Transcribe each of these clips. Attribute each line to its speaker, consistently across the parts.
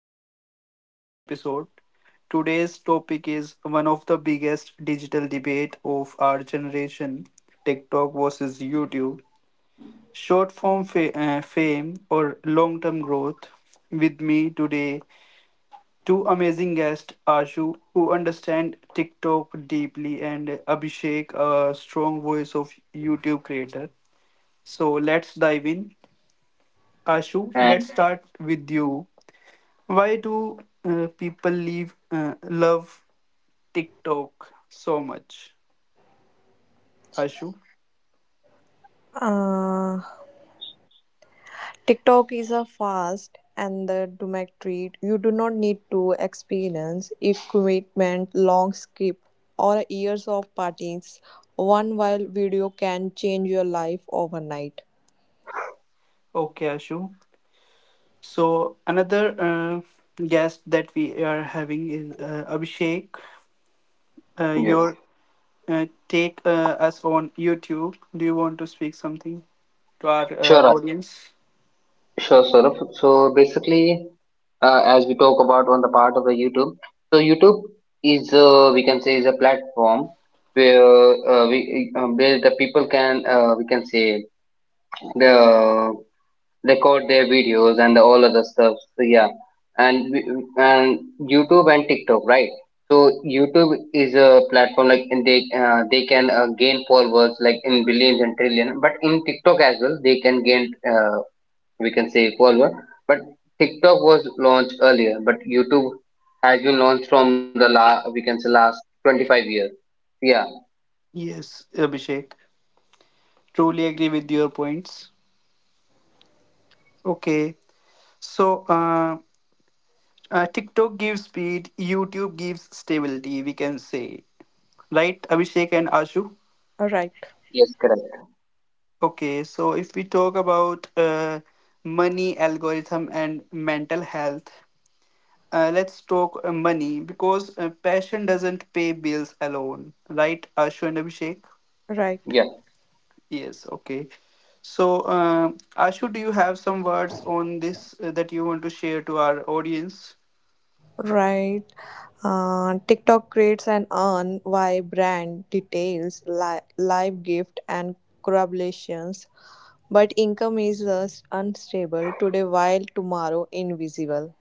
Speaker 1: to another powerful episode. Today's topic is one of the biggest digital debate of our generation, TikTok versus YouTube. Fame or long term growth. With me today, two amazing guests, Ashu, who understand TikTok deeply, and Abhishek, a strong voice of YouTube creator. So let's dive in. Ashu, let's
Speaker 2: And
Speaker 1: start with you. Why do people leave love TikTok so much, Ashu?
Speaker 3: Uh, TikTok is a fast and the domestic treat. You do not need to experience equipment, long skip, or years of parties. One wild video can change your life overnight.
Speaker 1: Okay, Ashu. So another guest that we are having is Abhishek.
Speaker 2: yes,
Speaker 1: Your take us on YouTube. Do you want to speak something to our
Speaker 2: sure, Ash-
Speaker 1: audience?
Speaker 2: Sure, Saurabh. So basically, as we talk about on the part of the YouTube, so YouTube is, we can say, is a platform where we where the people can, we can say, the record their videos and all other stuff. So yeah, and YouTube and TikTok, right? So YouTube is a platform like, and they can gain followers like in billions and trillion, but in TikTok as well they can gain, we can say, evolve. But TikTok was launched earlier, but YouTube has been launched from the la we can say last 25 years. Yeah,
Speaker 1: Yes, Abhishek. Truly agree with your points. Okay, so TikTok gives speed, YouTube gives stability, we can say. Right, Abhishek and Ashu?
Speaker 3: Right,
Speaker 2: yes, correct.
Speaker 1: Okay, so if we talk about money, algorithm, and mental health, let's talk money, because passion doesn't pay bills alone, right, Ashu and Abhishek?
Speaker 3: right,
Speaker 2: Yeah.
Speaker 1: Yes, okay. So uh, Ashu, do you have some words on this that you want to share to our audience?
Speaker 3: right. TikTok creates an earn why brand details, live gift, and collaborations. But income is unstable today, while tomorrow invisible.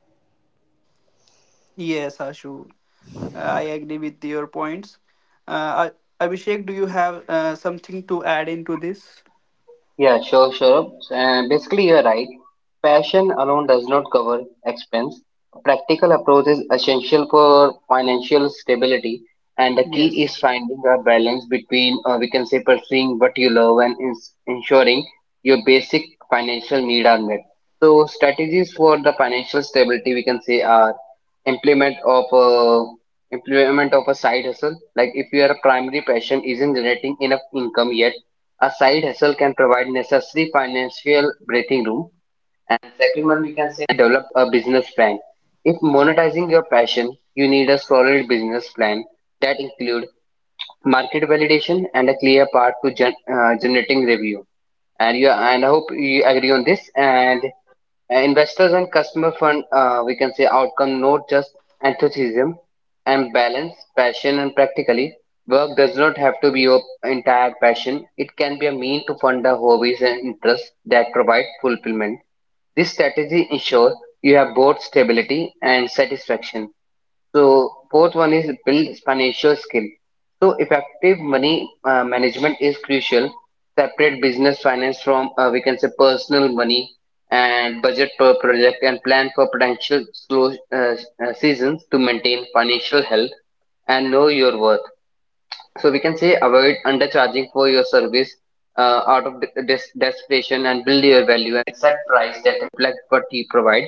Speaker 1: Yes, Ashu, I agree with your points. Abhishek, do you have something to add into this?
Speaker 2: Yeah, sure. Basically, you're right. Passion alone does not cover expense. A practical approach is essential for financial stability, and the key is
Speaker 1: Yes.
Speaker 2: finding a balance between, we can say, pursuing what you love and ensuring your basic financial need are met. So strategies for the financial stability, we can say, are implement of a implement of a side hustle. Like if your primary passion isn't generating enough income yet, a side hustle can provide necessary financial breathing room. And second one, we can say, develop a business plan. If monetizing your passion, you need a solid business plan that include market validation and a clear path to generating revenue. And you, and I hope you agree on this. And investors and customer fund, we can say, outcome, not just enthusiasm, and balance passion and practically. Work does not have to be your entire passion. It can be a mean to fund the hobbies and interests that provide fulfillment. This strategy ensures you have both stability and satisfaction. So fourth one is build financial skill. So effective money management is crucial. Separate business finance from, we can say, personal money, and budget per project and plan for potential slow seasons to maintain financial health, and know your worth. So we can say avoid undercharging for your service out of desperation, and build your value and set price that reflect what you provide,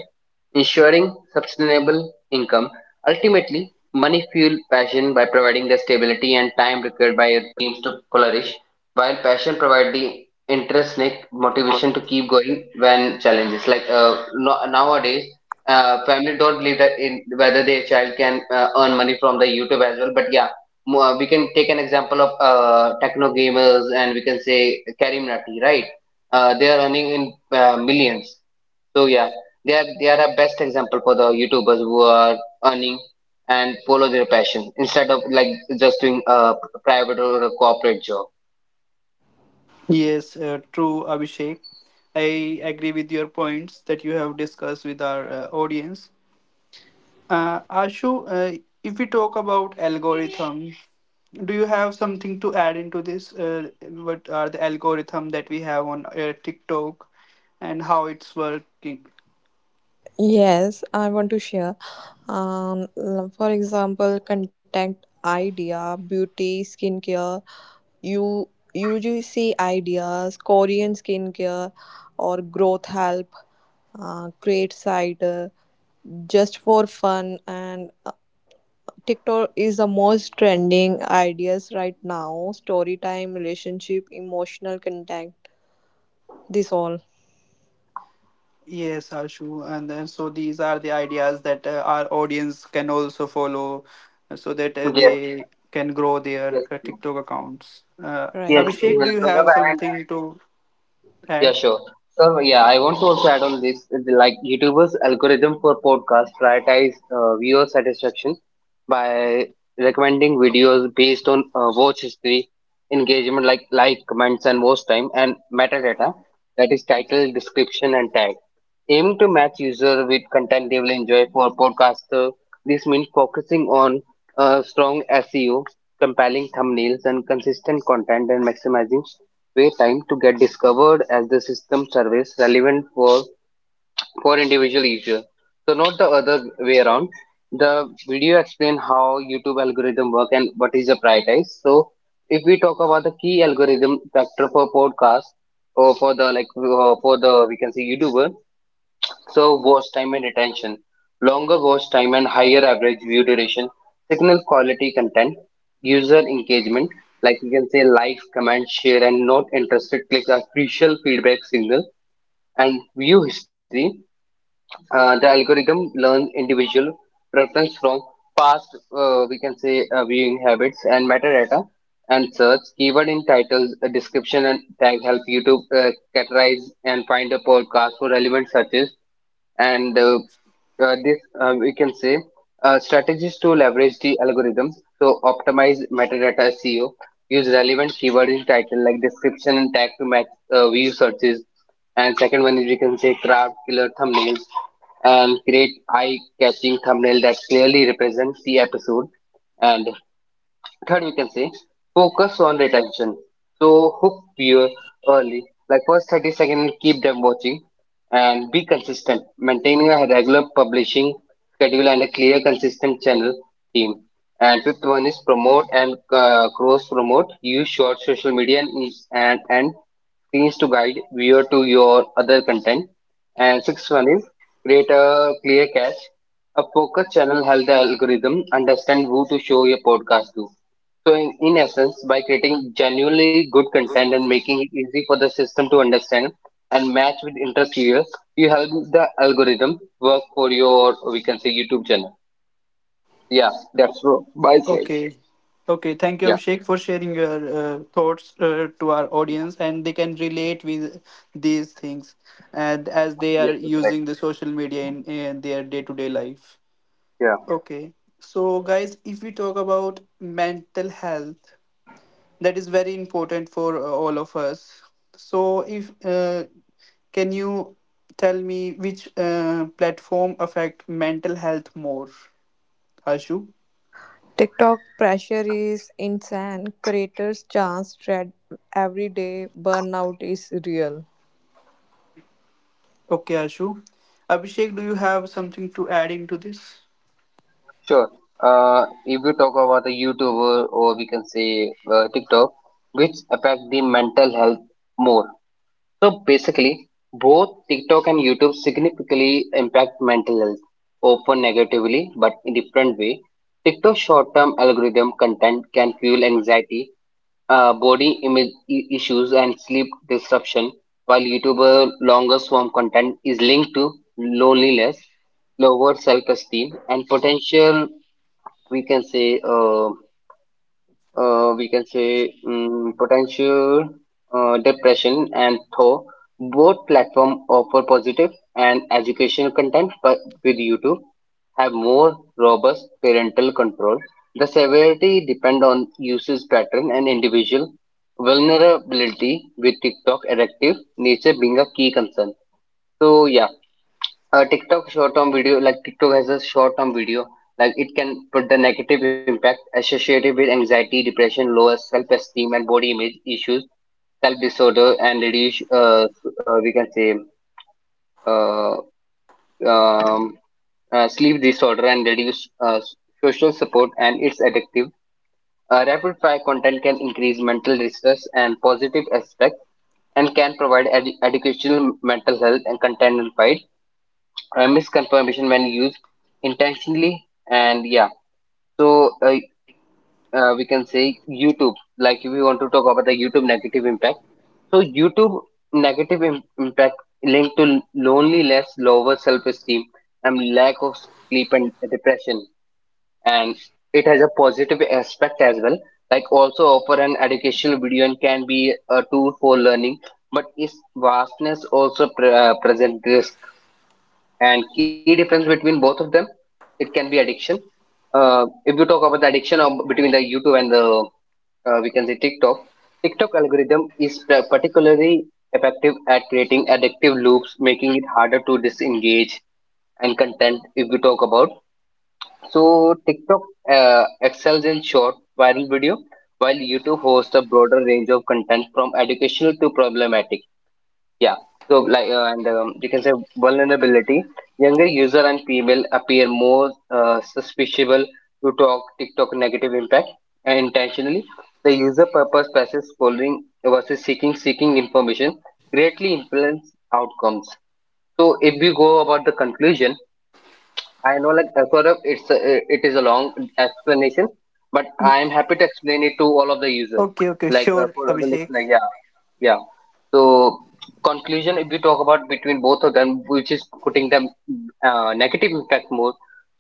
Speaker 2: ensuring sustainable income. Ultimately, money fuel passion by providing the stability and time required by your teams to flourish, while passion provide the intrinsic motivation to keep going when challenges, like nowadays family don't believe that in whether their child can earn money from the YouTube as well. But yeah, we can take an example of, techno gamers and, we can say, Karim Nati, right? They are earning in millions. So yeah, they are a best example for the YouTubers who are earning and follow their passion instead of like just doing a private or a corporate job.
Speaker 4: Yes, true, Abhishek. I agree with your points that you have discussed with our audience. Ashu, if we talk about algorithm, do you have something to add into this? What are the algorithm that we have on TikTok and how it's working?
Speaker 3: Yes, I want to share. For example, contact idea, beauty, skincare, you UGC ideas, Korean skincare, or growth help, create site, just for fun, and TikTok is the most trending ideas right now. Story time, relationship, emotional contact, this all
Speaker 4: Yes, Ashu. And then, so these are the ideas that our audience can also follow so that
Speaker 2: Yes,
Speaker 4: they can grow their
Speaker 2: yes, true.
Speaker 4: TikTok accounts.
Speaker 2: Yes,
Speaker 3: right.
Speaker 2: true
Speaker 4: Abhishek, do you
Speaker 2: well.
Speaker 4: have something to?
Speaker 2: Yeah,
Speaker 4: Right.
Speaker 2: sure. So yeah, I want to also add on this, is like YouTubers' algorithm for podcasts prioritize viewer satisfaction by recommending videos based on watch history, engagement like comments and watch time, and metadata, that is title, description and tag. Aiming to match user with content they will enjoy for podcaster. This means focusing on strong SEO, compelling thumbnails and consistent content, and maximizing Way time to get discovered as the system service relevant for individual user. So not the other way around. The video explain how YouTube algorithm work and what is the prioritize. So if we talk about the key algorithm factor for podcast or for the like, for the, we can say, YouTuber. So watch time and retention. Longer watch time and higher average view duration signal quality content, user engagement, like you can say like, comment, share, and not interested clicks are crucial feedback signal. And view history, the algorithm learns individual preference from past, we can say, viewing habits and metadata, and search keyword in titles, description, and tag help YouTube categorize and find a podcast for relevant searches. And this, we can say, strategies to leverage the algorithms, so optimize metadata SEO, use relevant keyword in title, like description and tag, to match view searches. And second one is, we can say, craft killer thumbnails and create eye catching thumbnail that clearly represents the episode. And third, we can say, focus on retention. So hook viewer early, like first 30 seconds, keep them watching, and be consistent, maintaining a regular publishing schedule and a clear, consistent channel theme. And fifth one is promote and cross promote. Use short social media and screens to guide viewer to your other content. And sixth one is create a clear cache. A focus channel help the algorithm understand who to show your podcast to. So in essence, by creating genuinely good content and making it easy for the system to understand and match with interest viewers, you help the algorithm work for your, we can say, YouTube channel. Yeah, that's what my side.
Speaker 4: Okay. Okay, thank you,
Speaker 2: Yeah,
Speaker 4: Abhishek, for sharing your thoughts to our audience, and they can relate with these things, and as they are
Speaker 2: yes, you're correct.
Speaker 4: using the social media in their day-to-day life.
Speaker 2: Yeah,
Speaker 4: Okay. So, guys, if we talk about mental health, that is very important for all of us. So, if can you tell me which platform affect mental health more, Ashu?
Speaker 3: TikTok pressure is insane. Creators chance dread every day. Burnout is real.
Speaker 4: Okay, Ashu. Abhishek, do you have something to add into this?
Speaker 2: sure. If you talk about the YouTuber or, we can say, TikTok, which affect the mental health more? So basically, both TikTok and YouTube significantly impact mental health, often negatively but in different way. TikTok short-term algorithm content can fuel anxiety, body image issues, and sleep disruption, while YouTuber longer form content is linked to loneliness, lower self-esteem, and potential, we can say, uh, we can say, potential depression. And though both platform offer positive and educational content, but with YouTube have more robust parental control, the severity depend on usage pattern and individual vulnerability, with TikTok addictive nature being a key concern. So yeah, TikTok short term video, like TikTok has a short term video, like it can put the negative impact associated with anxiety, depression, lower self esteem, and body image issues, self disorder, and reduce, we can say, uh, um, sleep disorder, and reduce social support, and it's addictive. Rapid fire content can increase mental distress and positive aspect, and can provide educational mental health and content misconfirmation when used intentionally. And yeah, so we can say YouTube, like if we want to talk about the YouTube negative impact, so YouTube negative impact linked to loneliness, lower self-esteem, and lack of sleep and depression. And it has a positive aspect as well, like also offer an educational video and can be a tool for learning, but its vastness also present risk. And key difference between both of them, it can be addiction. If you talk about the addiction of, between the YouTube and the, we can say, TikTok, algorithm is particularly effective at creating addictive loops, making it harder to disengage. And content, if you talk about, so TikTok excels in short viral video, while YouTube hosts a broader range of content, from educational to problematic. Yeah. So like, and you can say vulnerability. Younger user and people appear more suspicious to talk TikTok negative impact and intentionally. The user purpose versus following versus seeking information greatly influence outcomes. So if we go about the conclusion, I know, like, Saurabh, it is a long explanation, but I'm happy to explain it to all of the user,
Speaker 4: Okay, okay,
Speaker 2: like
Speaker 4: sure,
Speaker 2: for the
Speaker 4: Abhishek.
Speaker 2: listener. Yeah, yeah. So conclusion, if we talk about between both of them, which is putting them negative impact more.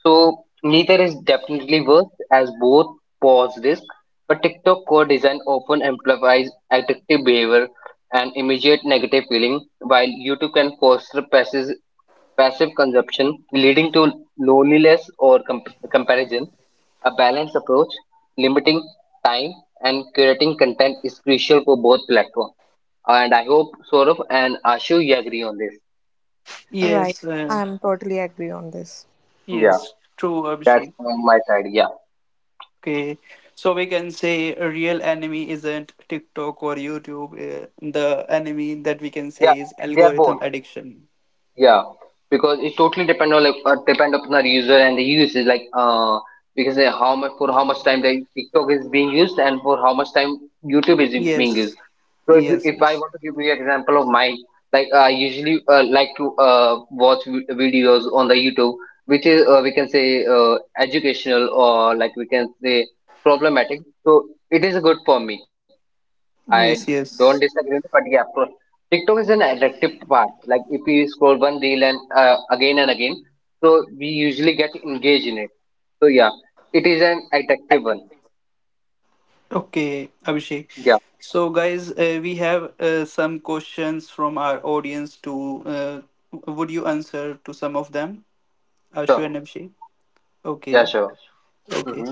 Speaker 2: So neither is definitely worse, as both pose risk. But TikTok core design often amplifies addictive behavior and immediate negative feeling, while YouTube can foster passive consumption leading to loneliness or comparison. A balanced approach, limiting time and curating content, is crucial for both platforms. And I hope Saurabh and Ashu, you agree on this.
Speaker 3: Right.
Speaker 4: Yes,
Speaker 3: I'm totally agree on this.
Speaker 2: Yeah,
Speaker 4: yes, true,
Speaker 2: that's
Speaker 4: Abhishek.
Speaker 2: on my side. Yeah,
Speaker 4: Okay, so we can say a real enemy isn't TikTok or YouTube. The enemy that we can
Speaker 2: yeah,
Speaker 4: say is
Speaker 2: they are both.
Speaker 4: algorithm addiction.
Speaker 2: Yeah, because it totally depend on like, depend upon our user and the usage. Like because how much, for how much time the TikTok is being used, and for how much time YouTube is being used.
Speaker 4: Yes,
Speaker 2: So if,
Speaker 4: yes,
Speaker 2: if I
Speaker 4: yes,
Speaker 2: want to give you an example of mine, like I usually like to watch videos on the YouTube, which is, we can say, educational, or like we can say problematic. So it is good for me. I
Speaker 4: yes,
Speaker 2: don't
Speaker 4: yes.
Speaker 2: disagree with it, but yeah, TikTok is an addictive part. Like if we scroll one reel, and again and again, so we usually get engaged in it. So yeah, it is an addictive one.
Speaker 4: Okay, Abhishek.
Speaker 2: Yeah,
Speaker 4: So, guys, we have some questions from our audience. To uh, would you answer to some of them? Ashu
Speaker 2: sure.
Speaker 4: and Abhishek.
Speaker 2: Yeah,
Speaker 4: Okay,
Speaker 2: sure.
Speaker 4: okay.
Speaker 2: Mm-hmm.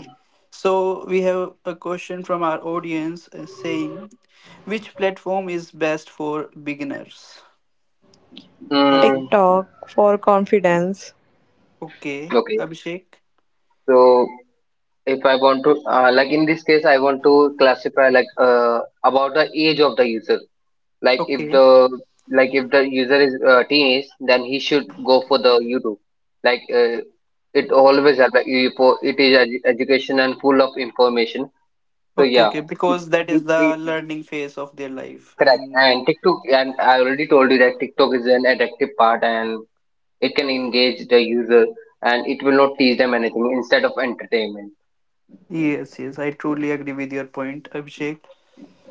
Speaker 4: So we have a question from our audience saying, which platform is best for beginners? Ashu.
Speaker 2: Mm,
Speaker 3: TikTok for confidence.
Speaker 4: Okay.
Speaker 2: okay.
Speaker 4: Abhishek.
Speaker 2: So if I want to, like in this case, I want to classify like about the age of the user. Like if
Speaker 4: Okay.
Speaker 2: the like if the user is teenage, then he should go for the YouTube. Like uh, it always have like it is education and full of information. So
Speaker 4: Okay,
Speaker 2: yeah,
Speaker 4: okay.
Speaker 2: if
Speaker 4: Because that
Speaker 2: he,
Speaker 4: is
Speaker 2: he,
Speaker 4: the learning phase of their life.
Speaker 2: correct.
Speaker 4: And
Speaker 2: And TikTok, and I already told you that TikTok is an addictive part, and it can engage the user, and it will not teach them anything instead of entertainment.
Speaker 4: yes, yes, I truly agree with your point, Abhishek.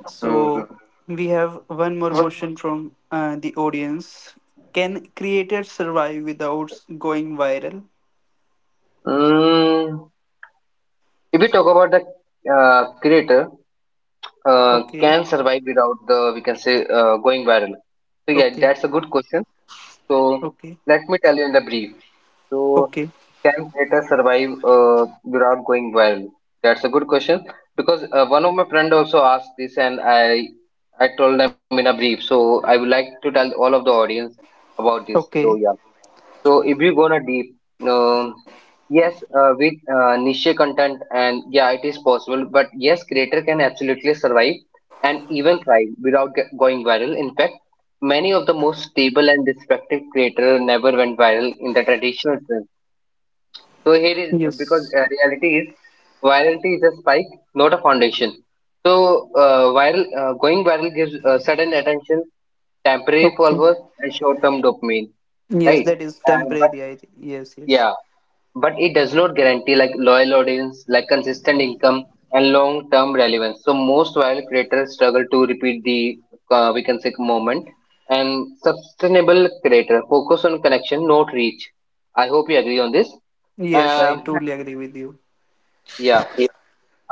Speaker 4: So we have one more question from the audience. Can creators survive without going viral?
Speaker 2: Mm-hmm. If we talk about the creator,
Speaker 4: Okay.
Speaker 2: can survive without the we can say going viral. So yeah,
Speaker 4: Okay.
Speaker 2: that's a good question. So
Speaker 4: Okay.
Speaker 2: let me tell you in the brief. So
Speaker 4: Okay.
Speaker 2: can creator survive without going viral? That's a good question because one of my friend also asked this, and I told them in a brief. So I would like to tell all of the audience about this. So
Speaker 4: Okay.
Speaker 2: yeah. So if you gonna deep. um Yes, with niche content, and yeah, it is possible. But yes, creator can absolutely survive and even thrive without get going viral. In fact, many of the most stable and respected creator never went viral in the traditional sense. So here is because
Speaker 4: Yes.
Speaker 2: reality is virality is a spike, not a foundation. So viral going viral gives sudden attention, temporary
Speaker 4: Okay.
Speaker 2: followers, and short-term dopamine,
Speaker 4: Yes,
Speaker 2: right?
Speaker 4: that is
Speaker 2: And but
Speaker 4: temporary, I think. Yes, yes.
Speaker 2: yeah, but it does not guarantee like loyal audience, like consistent income and long-term relevance. So most viral creators struggle to repeat the we can say moment. And sustainable creator focus on connection, not reach. I hope you agree on this.
Speaker 4: Yes, I
Speaker 2: Um
Speaker 4: totally agree with you.
Speaker 2: yeah.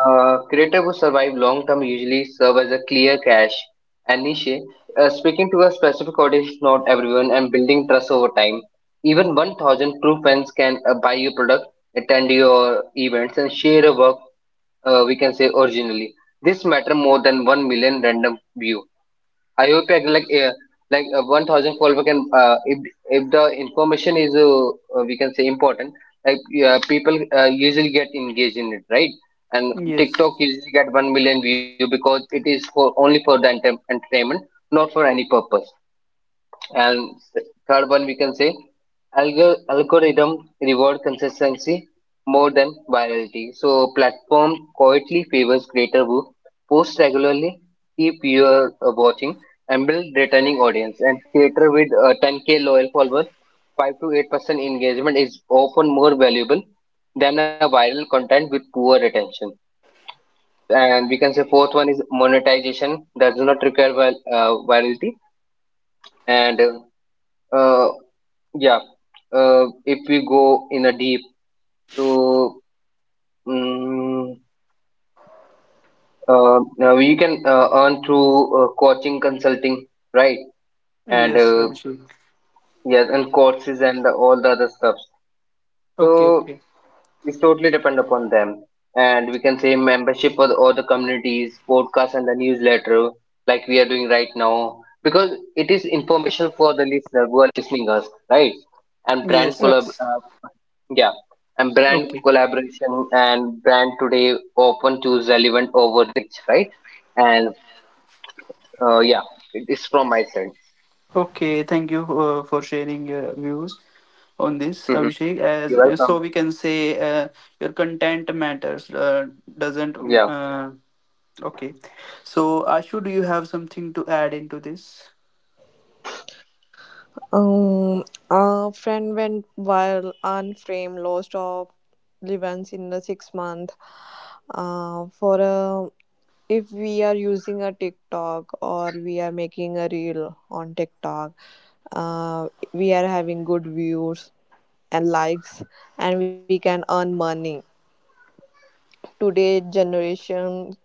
Speaker 2: Creator who survive long term usually serve as a clear cache and niche, speaking to a specific audience, not everyone, and building trust over time. Even 1,000 true fans can buy your product, attend your events, and share a work, we can say originally. This matter more than 1 million random view. IOP Act, like 1012, we can if the information is we can say important, like people usually get engaged in it, right. And
Speaker 4: Yes.
Speaker 2: TikTok usually get 1 million view because it is for only for the entertainment, not for any purpose. And third one, we can say algorithm reward consistency more than virality. So platform quietly favors creator who post regularly, keep your watching, and build returning audience. And creator with 10K loyal followers, 5 to 8% engagement is often more valuable than a viral content with poor retention. And we can say fourth one is monetization does not require virality. And uh, yeah, if we go in a deep, so mm now we can earn through coaching, consulting, right? And
Speaker 4: Yes, Abhishek.
Speaker 2: yes, and courses and the, all the other stuff.
Speaker 4: Okay,
Speaker 2: So
Speaker 4: okay.
Speaker 2: it's totally depend upon them. And we can say membership for the, all the communities, podcast, and the newsletter, like we are doing right now, because it is information for the listener who are listening us, right? And
Speaker 4: Yes,
Speaker 3: Right.
Speaker 4: yes.
Speaker 2: yeah, and brand
Speaker 4: Okay.
Speaker 2: collaboration and brand today often choose relevant over rich, right? And yeah, it is from my side.
Speaker 4: Okay, thank you for sharing your views on this,
Speaker 2: Hmm.
Speaker 4: Abhishek.
Speaker 2: You're
Speaker 4: As so
Speaker 2: welcome.
Speaker 4: we can say your content matters doesn't mm,
Speaker 2: Yeah,
Speaker 4: okay. So Ashu, do you have something to add into this?
Speaker 3: Um, a friend went viral unframed, lost of relevance in the 6 months. For a If we are using a TikTok or we are making a reel on TikTok, we are having good views and likes and we can earn money today generation,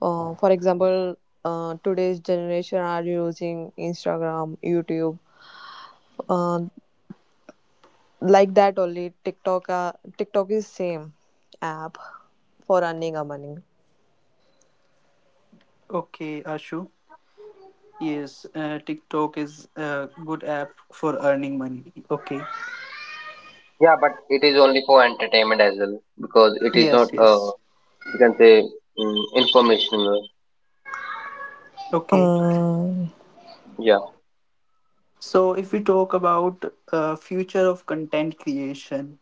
Speaker 3: for example, today's generation are using Instagram, YouTube, uh, like that only TikTok, TikTok is same app for earning a money.
Speaker 4: Okay, Ashu. Yes, TikTok is a good app for earning money. Okay.
Speaker 2: yeah, but it is only for entertainment as well because it is not.
Speaker 4: Yes, yes.
Speaker 2: You can say informational.
Speaker 4: Okay.
Speaker 3: um,
Speaker 2: Yeah,
Speaker 4: So if we talk about future of content creation,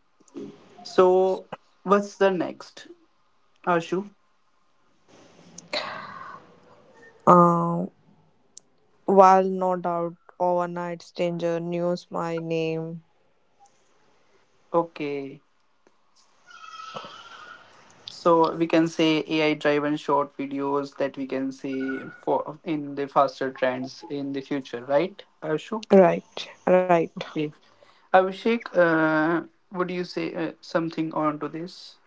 Speaker 4: so what's the next, Ashu?
Speaker 3: um, while no doubt overnight stranger knows my name.
Speaker 4: Okay. So we can say AI-driven short videos that we can see for in the faster trends in the future, right, Ashu?
Speaker 3: Right, right.
Speaker 4: Okay. Abhishek, would you say something on to this?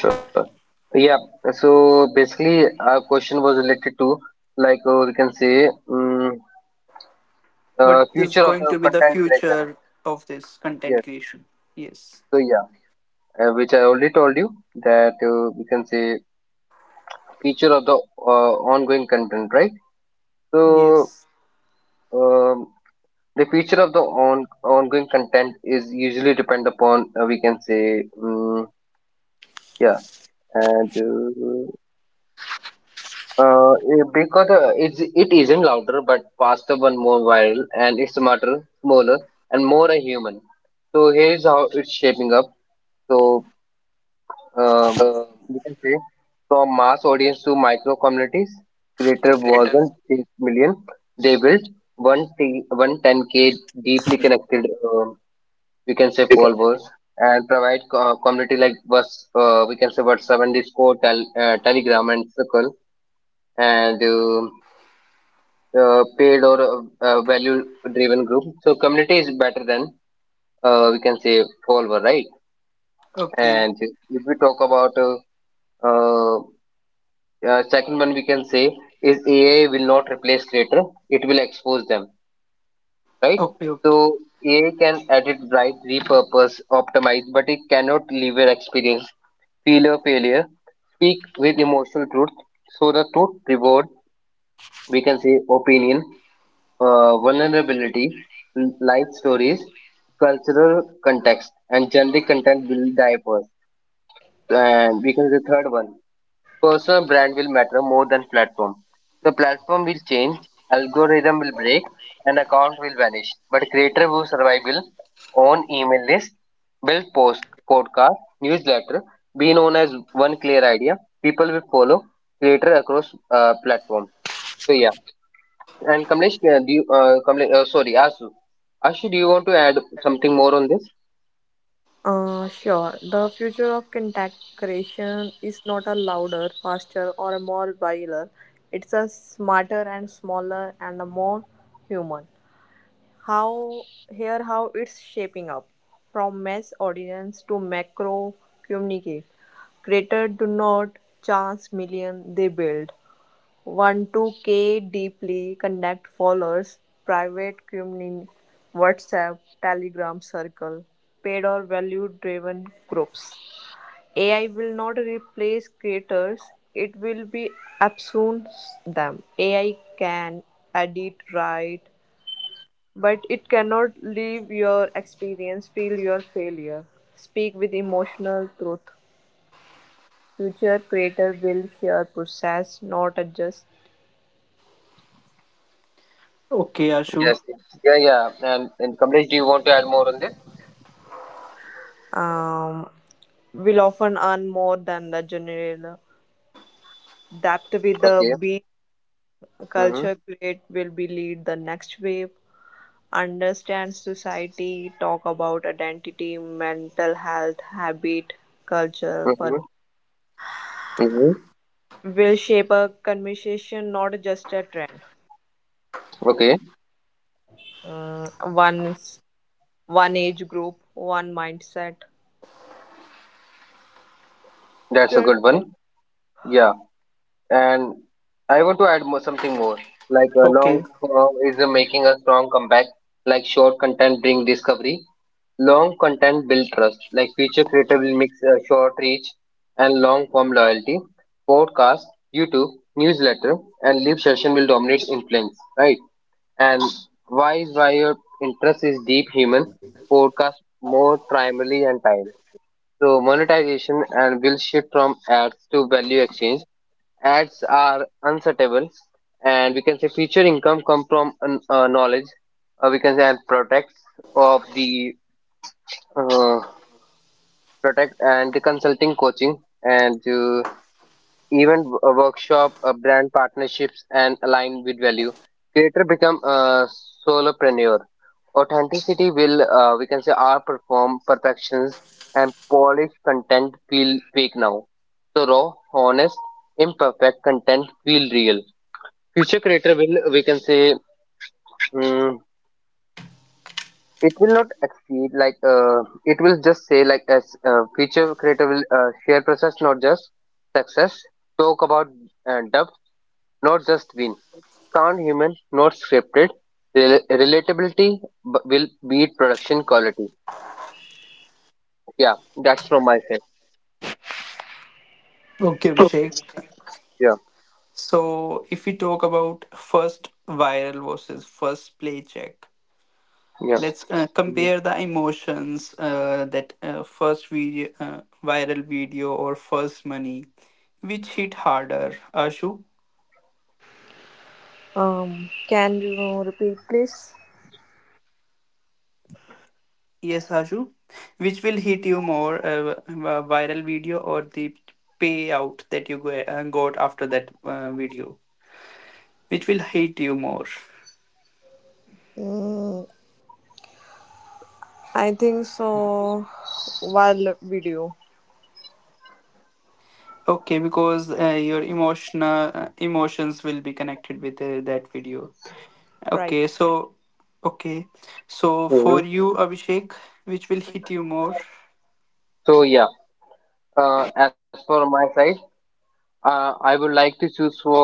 Speaker 2: for sure. Yeah. So basically, our question was related to, like, we can say
Speaker 4: What is
Speaker 2: future of
Speaker 4: going
Speaker 2: the
Speaker 4: to be the
Speaker 2: content creation.
Speaker 4: future of this content
Speaker 2: Yes.
Speaker 4: creation? Yes,
Speaker 2: So yeah, which I already told you that we can say future of the ongoing content, right? So
Speaker 4: yes.
Speaker 2: um, the future of the on ongoing content is usually depend upon we can say yeah and. Uh, because it isn't louder, but faster one more viral, and it's smarter, smaller, and more a human. So here's how it's shaping up. So um, you can say from mass audience to micro communities, creator wasn't 6 million. They built 110K deeply connected, um we can say followers, and provide community like was, we can say, WhatsApp and Discord, Telegram and Circle, and. Paid or a value driven group. So community is better than, we can say, follower, right?
Speaker 4: Okay,
Speaker 2: And if we talk about uh, second one, we can say is AI will not replace creator; it will expose them, right?
Speaker 4: okay. Okay.
Speaker 2: So AI can edit, write, repurpose, optimize, but it cannot leave an experience, feel a failure, speak with emotional truth. So the truth reward, we can say, opinion, vulnerability, life stories, cultural context, and generic content will diverse. And because the third one, personal brand will matter more than platform. The platform will change, algorithm will break, and account will vanish. But creator will survive will own email list, build post, podcast, newsletter, be known as one clear idea. People will follow creator across platform. So yeah. And Kamlesh, sorry, Ashu. Ashu, do you want to add something more on this?
Speaker 3: Sure. The future of contact creation is not a louder, faster, or a more viler. It's a smarter and smaller and a more human. How, here how it's shaping up from mass audience to macro communicate. Creators do not chance million, they build. 1-2k-k deeply connect followers, private community, WhatsApp, Telegram circle, paid or value-driven groups. AI will not replace creators; it will be absent them. AI can edit, write, but it cannot leave your experience, feel your failure, speak with emotional truth. Future creator will share process, not adjust.
Speaker 4: Okay, Ashu.
Speaker 2: Yes. Yeah, yeah. And Kamlesh, do you want to add more on this?
Speaker 3: Um, will often earn more than the general. That with the
Speaker 2: Okay.
Speaker 3: beat
Speaker 2: Mm-hmm.
Speaker 3: culture create will be lead the next wave. Understand society, talk about identity, mental health, habit, culture, purpose.
Speaker 2: Mm-hmm. Mm-hmm.
Speaker 3: Will shape a conversation, not just a trend.
Speaker 2: Okay.
Speaker 3: Uh, one's One age group, one mindset.
Speaker 2: That's a
Speaker 3: That's
Speaker 2: good
Speaker 3: all.
Speaker 2: one. Yeah. And I want to add more, something more. Like long
Speaker 4: Okay,
Speaker 2: form is making a strong comeback. Like short content bring discovery. Long content build trust. Like feature creator will mix short reach and long form loyalty. Podcast, YouTube, newsletter, and live session will dominate influence. Right. And why your interest is deep human podcast more primarily and time. So monetization and will shift from ads to value exchange. Ads are unsuitable, and we can say future income come from knowledge, we can say, and products of the uh, product and the consulting coaching, and even a workshop, brand partnerships, and align with value. Creator become a solopreneur. Authenticity will, we can say, are perform perfections, and polished content feel fake now. So raw honest imperfect content feel real. Future creator will, we can say, um, it will not exceed like, it will just say like as, future creator will share process, not just success. Talk about depth, not just win. Sound human, not scripted. Relatability will beat production quality. Yeah, that's from my side.
Speaker 4: okay, Abhishek.
Speaker 2: Yeah,
Speaker 4: So if we talk about first viral versus first play check
Speaker 2: yeah.
Speaker 4: let's
Speaker 2: Mhm.
Speaker 4: compare the emotions that first video viral video or first money, which hit harder, Ashu?
Speaker 3: Can you repeat, please?
Speaker 4: Yes, Ashu. Which will hit you more, a viral video or the payout that you go, got after that video? Which will hit you more?
Speaker 3: Mm, I think so. While video,
Speaker 4: Okay, because your emotional emotions will be connected with that video.
Speaker 3: right?
Speaker 4: Okay, so okay, so
Speaker 2: Mhm.
Speaker 4: for you, Abhishek, which will hit you more?
Speaker 2: So yeah, as for my side, I would like to choose for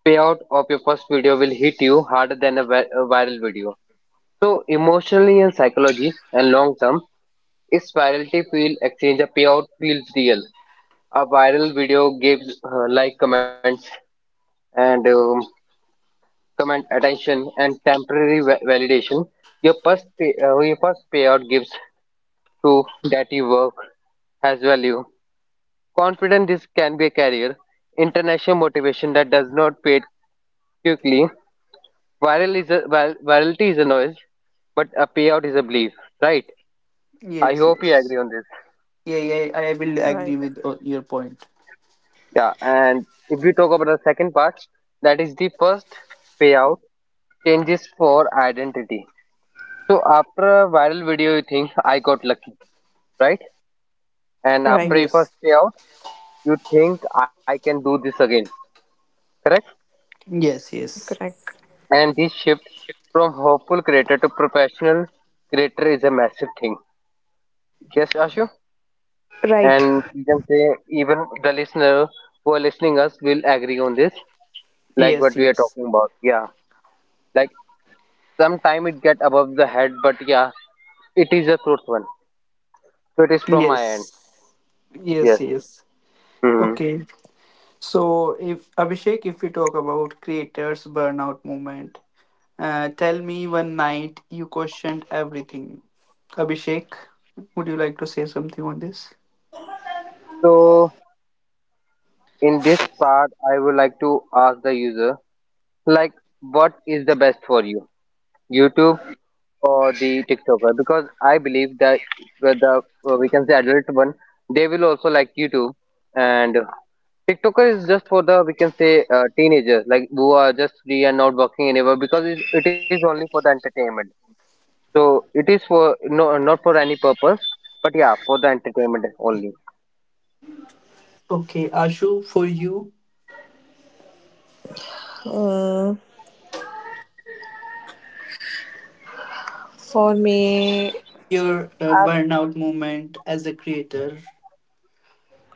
Speaker 2: payout of your first video will hit you harder than a viral video. So emotionally and psychology and long term, its virality feel exchange, a payout feels real. A viral video gives, like, comments and, comment attention and temporary validation. Your first payout gives proof that your work has value. Confidence this can be a career. International motivation that does not pay quickly. Virality is a noise, but a payout is a belief, right? I
Speaker 4: Yes,
Speaker 2: hope you
Speaker 4: yes.
Speaker 2: agree on this.
Speaker 4: Yeah, yeah, I will
Speaker 3: Right,
Speaker 4: agree with your point.
Speaker 2: Yeah, and if we talk about the second part, that is the first payout changes for identity. So after a viral video, you think I got lucky, right? And after a
Speaker 3: right,
Speaker 4: Yes,
Speaker 2: first payout, you think I can do this again, correct?
Speaker 4: yes, yes,
Speaker 3: correct,
Speaker 2: And this shift from hopeful creator to professional creator is a massive thing. Yes, Ashu?
Speaker 3: right.
Speaker 2: And we can say even the listener who are listening us will agree on this, like what
Speaker 4: yes,
Speaker 2: we are
Speaker 4: yes.
Speaker 2: talking about, yeah. Like sometime it get above the head, but yeah, it is a truth one. So it is from my
Speaker 4: Yes.
Speaker 2: end. Yes.
Speaker 4: Yes, yes.
Speaker 2: Hmm.
Speaker 4: Okay. So if Abhishek, if we talk about creators burnout movement, tell me one night you questioned everything. Abhishek, would you like to say something on this?
Speaker 2: So in this part I would like to ask the user, like, what is the best for you, YouTube or the TikToker, because I believe that the we can say adult one, they will also like YouTube. And TikToker is just for the, we can say, teenagers, like, who are just free and not working anywhere because it is only for the entertainment. So it is for no, not for any purpose, but yeah, for the entertainment only.
Speaker 4: Okay, Ashu, for you,
Speaker 3: Mm, for me,
Speaker 4: your
Speaker 3: I've,
Speaker 4: burnout movement as a creator.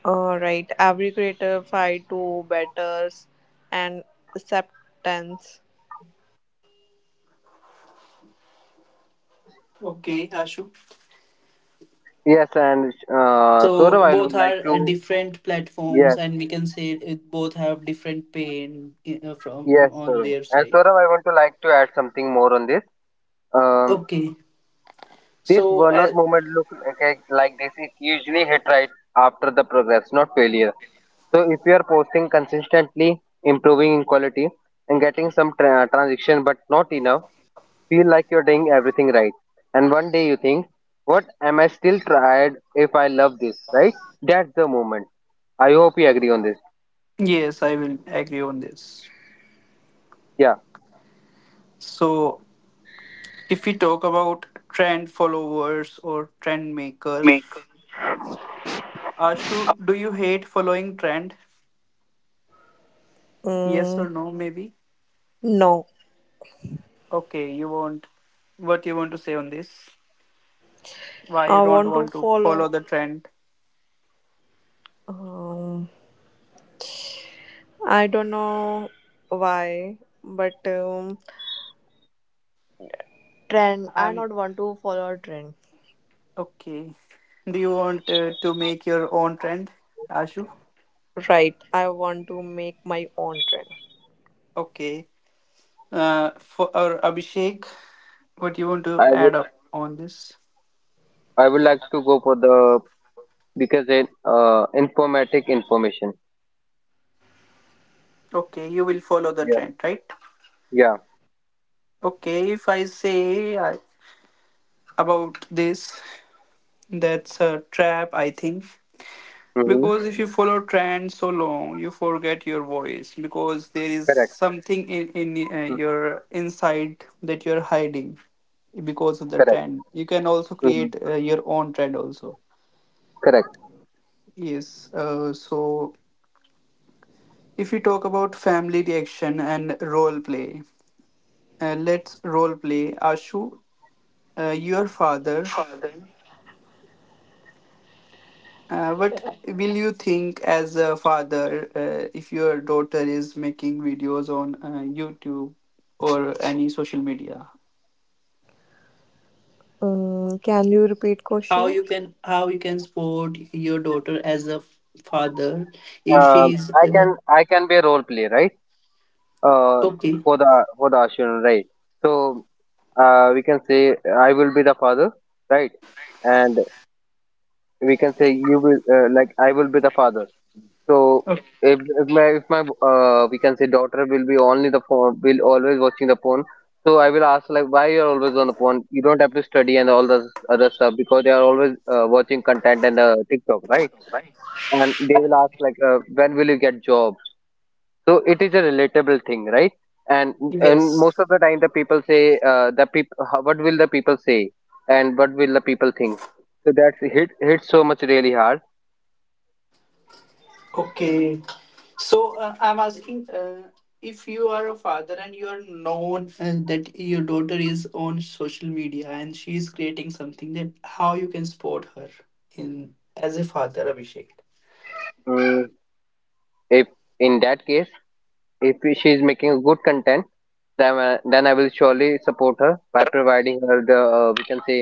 Speaker 3: right, every creative try to betters and acceptance.
Speaker 4: Okay, Ashu.
Speaker 2: Yes, and
Speaker 4: So
Speaker 2: Saurav, I
Speaker 4: both
Speaker 2: would like
Speaker 4: are
Speaker 2: to,
Speaker 4: different
Speaker 2: yes,
Speaker 4: platforms, and we can say it both have different pain
Speaker 2: yes,
Speaker 4: from on
Speaker 2: Saurav.
Speaker 4: their
Speaker 2: And
Speaker 4: side.
Speaker 2: Saurav, I want to, like, to add something more on this. Um,
Speaker 4: Okay.
Speaker 2: this
Speaker 4: So,
Speaker 2: burnout moment look like this is usually hit right after the progress, not failure. So if you are posting consistently, improving in quality, and getting some transition but not enough, feel like you're doing everything right. And one day you think, what am I still tried if I love this, right? That's the moment. I hope you agree on this.
Speaker 4: yes, I will agree on this.
Speaker 2: Yeah,
Speaker 4: So, if we talk about trend followers or trend makers, Ashu, do you hate following trend? Yes
Speaker 3: Mm,
Speaker 4: or no, maybe?
Speaker 3: no,
Speaker 4: Okay, you want what you want to say on this? Why you
Speaker 3: I
Speaker 4: don't
Speaker 3: want to
Speaker 4: want to follow
Speaker 3: follow.
Speaker 4: the trend?
Speaker 3: Um, I don't know why, but trend. I
Speaker 4: I'm
Speaker 3: not want to follow trend.
Speaker 4: okay. Do you want to make your own trend, Ashu?
Speaker 3: Right, I want to make my own trend.
Speaker 4: Okay. For or Abhishek, what you want to
Speaker 2: I would
Speaker 4: add up on this?
Speaker 2: I would like to go for the because in informatic information.
Speaker 4: Okay, you will follow the
Speaker 2: Yeah.
Speaker 4: trend, right?
Speaker 2: Yeah.
Speaker 4: Okay, if I say about this, that's a trap, I think.
Speaker 2: Mm-hmm.
Speaker 4: Because if you follow trends so long, you forget your voice because there is
Speaker 2: Correct.
Speaker 4: something in
Speaker 2: Mm,
Speaker 4: your inside that you're hiding because of the
Speaker 2: correct.
Speaker 4: trend. You can also
Speaker 2: Mm-hmm.
Speaker 4: create your own trend also.
Speaker 2: Correct.
Speaker 4: Yes, so if we talk about family reaction and role play, let's role play. Ashu, your father. What will you think as a father if your daughter is making videos on YouTube or any social media?
Speaker 3: Mm, can you repeat
Speaker 4: How
Speaker 3: question?
Speaker 4: you can, how you can support your daughter as a father if she's
Speaker 2: I can I can be a role player, right? uh,
Speaker 4: okay
Speaker 2: for the children, right? So we can say I will be the father, right? And we can say you will, like I will be the father. So
Speaker 4: okay.
Speaker 2: if my we can say daughter will be only the phone will always watching the phone. So I will ask, like, why you're always on the phone? You don't have to study and all this other stuff because they are always watching content and, TikTok, right? And they will ask, like, when will you get job? So it is a relatable thing, right? And and most
Speaker 4: Yes.
Speaker 2: of the time, the people say, the people, what will the people say and what will the people think? So that's hit so much really hard.
Speaker 4: Okay. So I'm asking if you are a father and you are known that your daughter is on social media and she is creating something, that how you can support her in as a father, Abhishek.
Speaker 2: mm, if in that case, if she is making good content, then I will surely support her by providing her the, we can say,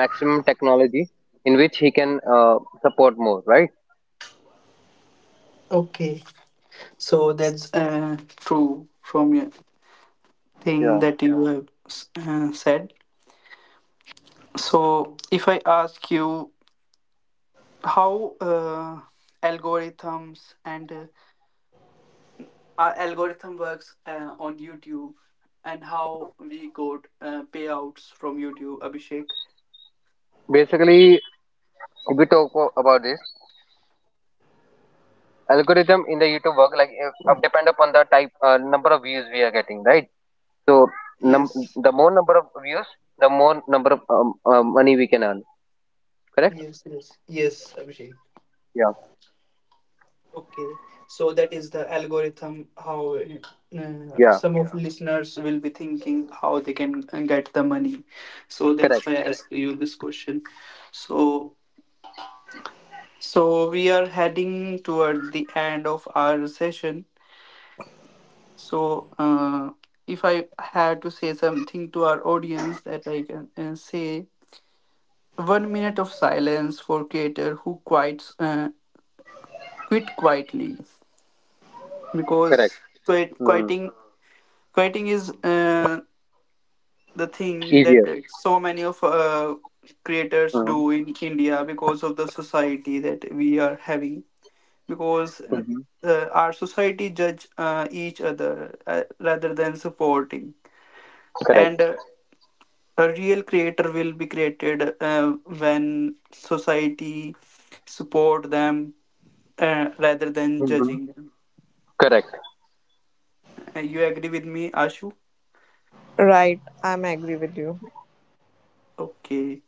Speaker 2: maximum technology in which he can support more, right.
Speaker 4: Okay. So that's true from your thing
Speaker 2: Yeah,
Speaker 4: that you have said. So if I ask you how algorithms and our algorithm works on YouTube and how we got payouts from YouTube, Abhishek.
Speaker 2: basically, if we talk about this, algorithm in the YouTube work like, if, up depend upon the type, number of views we are getting, right? So num- the
Speaker 4: Yes,
Speaker 2: more number of views, the more number of, money we can earn. Correct.
Speaker 4: yes, yes, yes, Abhishek.
Speaker 2: Yeah.
Speaker 4: Okay, so that is the algorithm. How
Speaker 2: Yeah.
Speaker 4: some of yeah, listeners will be thinking how they can get the money. So that's
Speaker 2: Correct.
Speaker 4: why I ask you this question. So, so we are heading toward the end of our session. So, if I had to say something to our audience that I can say, one minute of silence for creator who quits, quit quietly, because
Speaker 2: Correct.
Speaker 4: quit,
Speaker 2: Hmm.
Speaker 4: quieting, quieting is the thing that
Speaker 2: Easier.
Speaker 4: so many of creators
Speaker 2: Hmm.
Speaker 4: do in India because of the society that we are having, because.
Speaker 2: Hmm.
Speaker 4: Our society judge each other rather than supporting,
Speaker 2: Correct.
Speaker 4: and a real creator will be created when society support them rather than judging
Speaker 2: Hmm.
Speaker 4: them.
Speaker 2: Correct.
Speaker 4: You agree with me, Ashu?
Speaker 3: Right, I'm agree with you.
Speaker 4: Okay,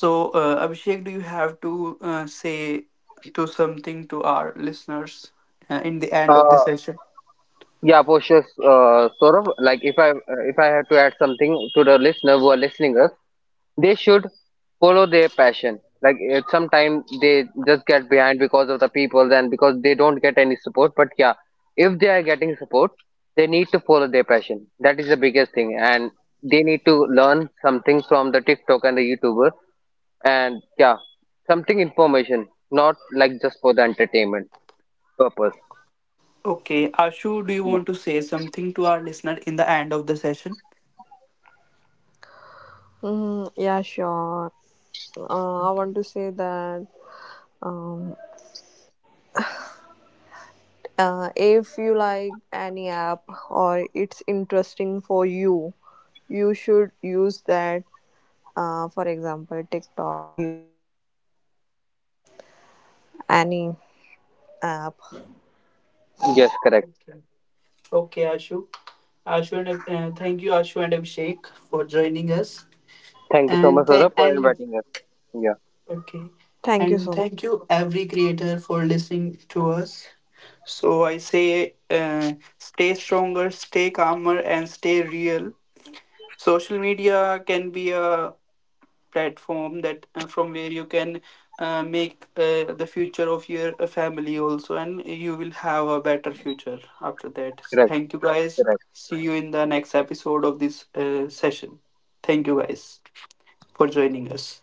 Speaker 4: so Abhishek, do you have to say to something to our listeners in the end of the
Speaker 2: uh
Speaker 4: session?
Speaker 2: yeah, Poshish, sort of like, if I have to add something to the listener who are listening us, they should follow their passion, like sometimes they just get behind because of the people and because they don't get any support, but yeah, if they are getting support, they need to follow their passion. That is the biggest thing. And they need to learn something from the TikTok and the YouTuber. And yeah, something information, not like just for the entertainment purpose.
Speaker 4: Okay, Ashu, do you
Speaker 2: Yeah.
Speaker 4: want to say something to our listener in the end of the session?
Speaker 3: Mm, yeah, sure. I want to say that, um, if you like any app or it's interesting for you, you should use that. For example, TikTok, YouTube, Instagram, any app.
Speaker 2: Yes, correct.
Speaker 4: Okay. Okay, Ashu. Thank you, Ashu and Abhishek, for joining us.
Speaker 2: Thank you so
Speaker 4: and
Speaker 2: much,
Speaker 4: th-
Speaker 2: Saurabh, for
Speaker 4: and
Speaker 2: inviting us. Yeah.
Speaker 4: okay.
Speaker 3: Thank you so
Speaker 4: And
Speaker 3: much.
Speaker 4: thank you, every creator, for listening to us. So I say, stay stronger, stay calmer, and stay real. Social media can be a platform that from where you can make the future of your family also, and you will have a better future after that.
Speaker 2: Correct.
Speaker 4: Thank you, guys.
Speaker 2: Correct.
Speaker 4: See you in the next episode of this session. Thank you, guys, for joining us.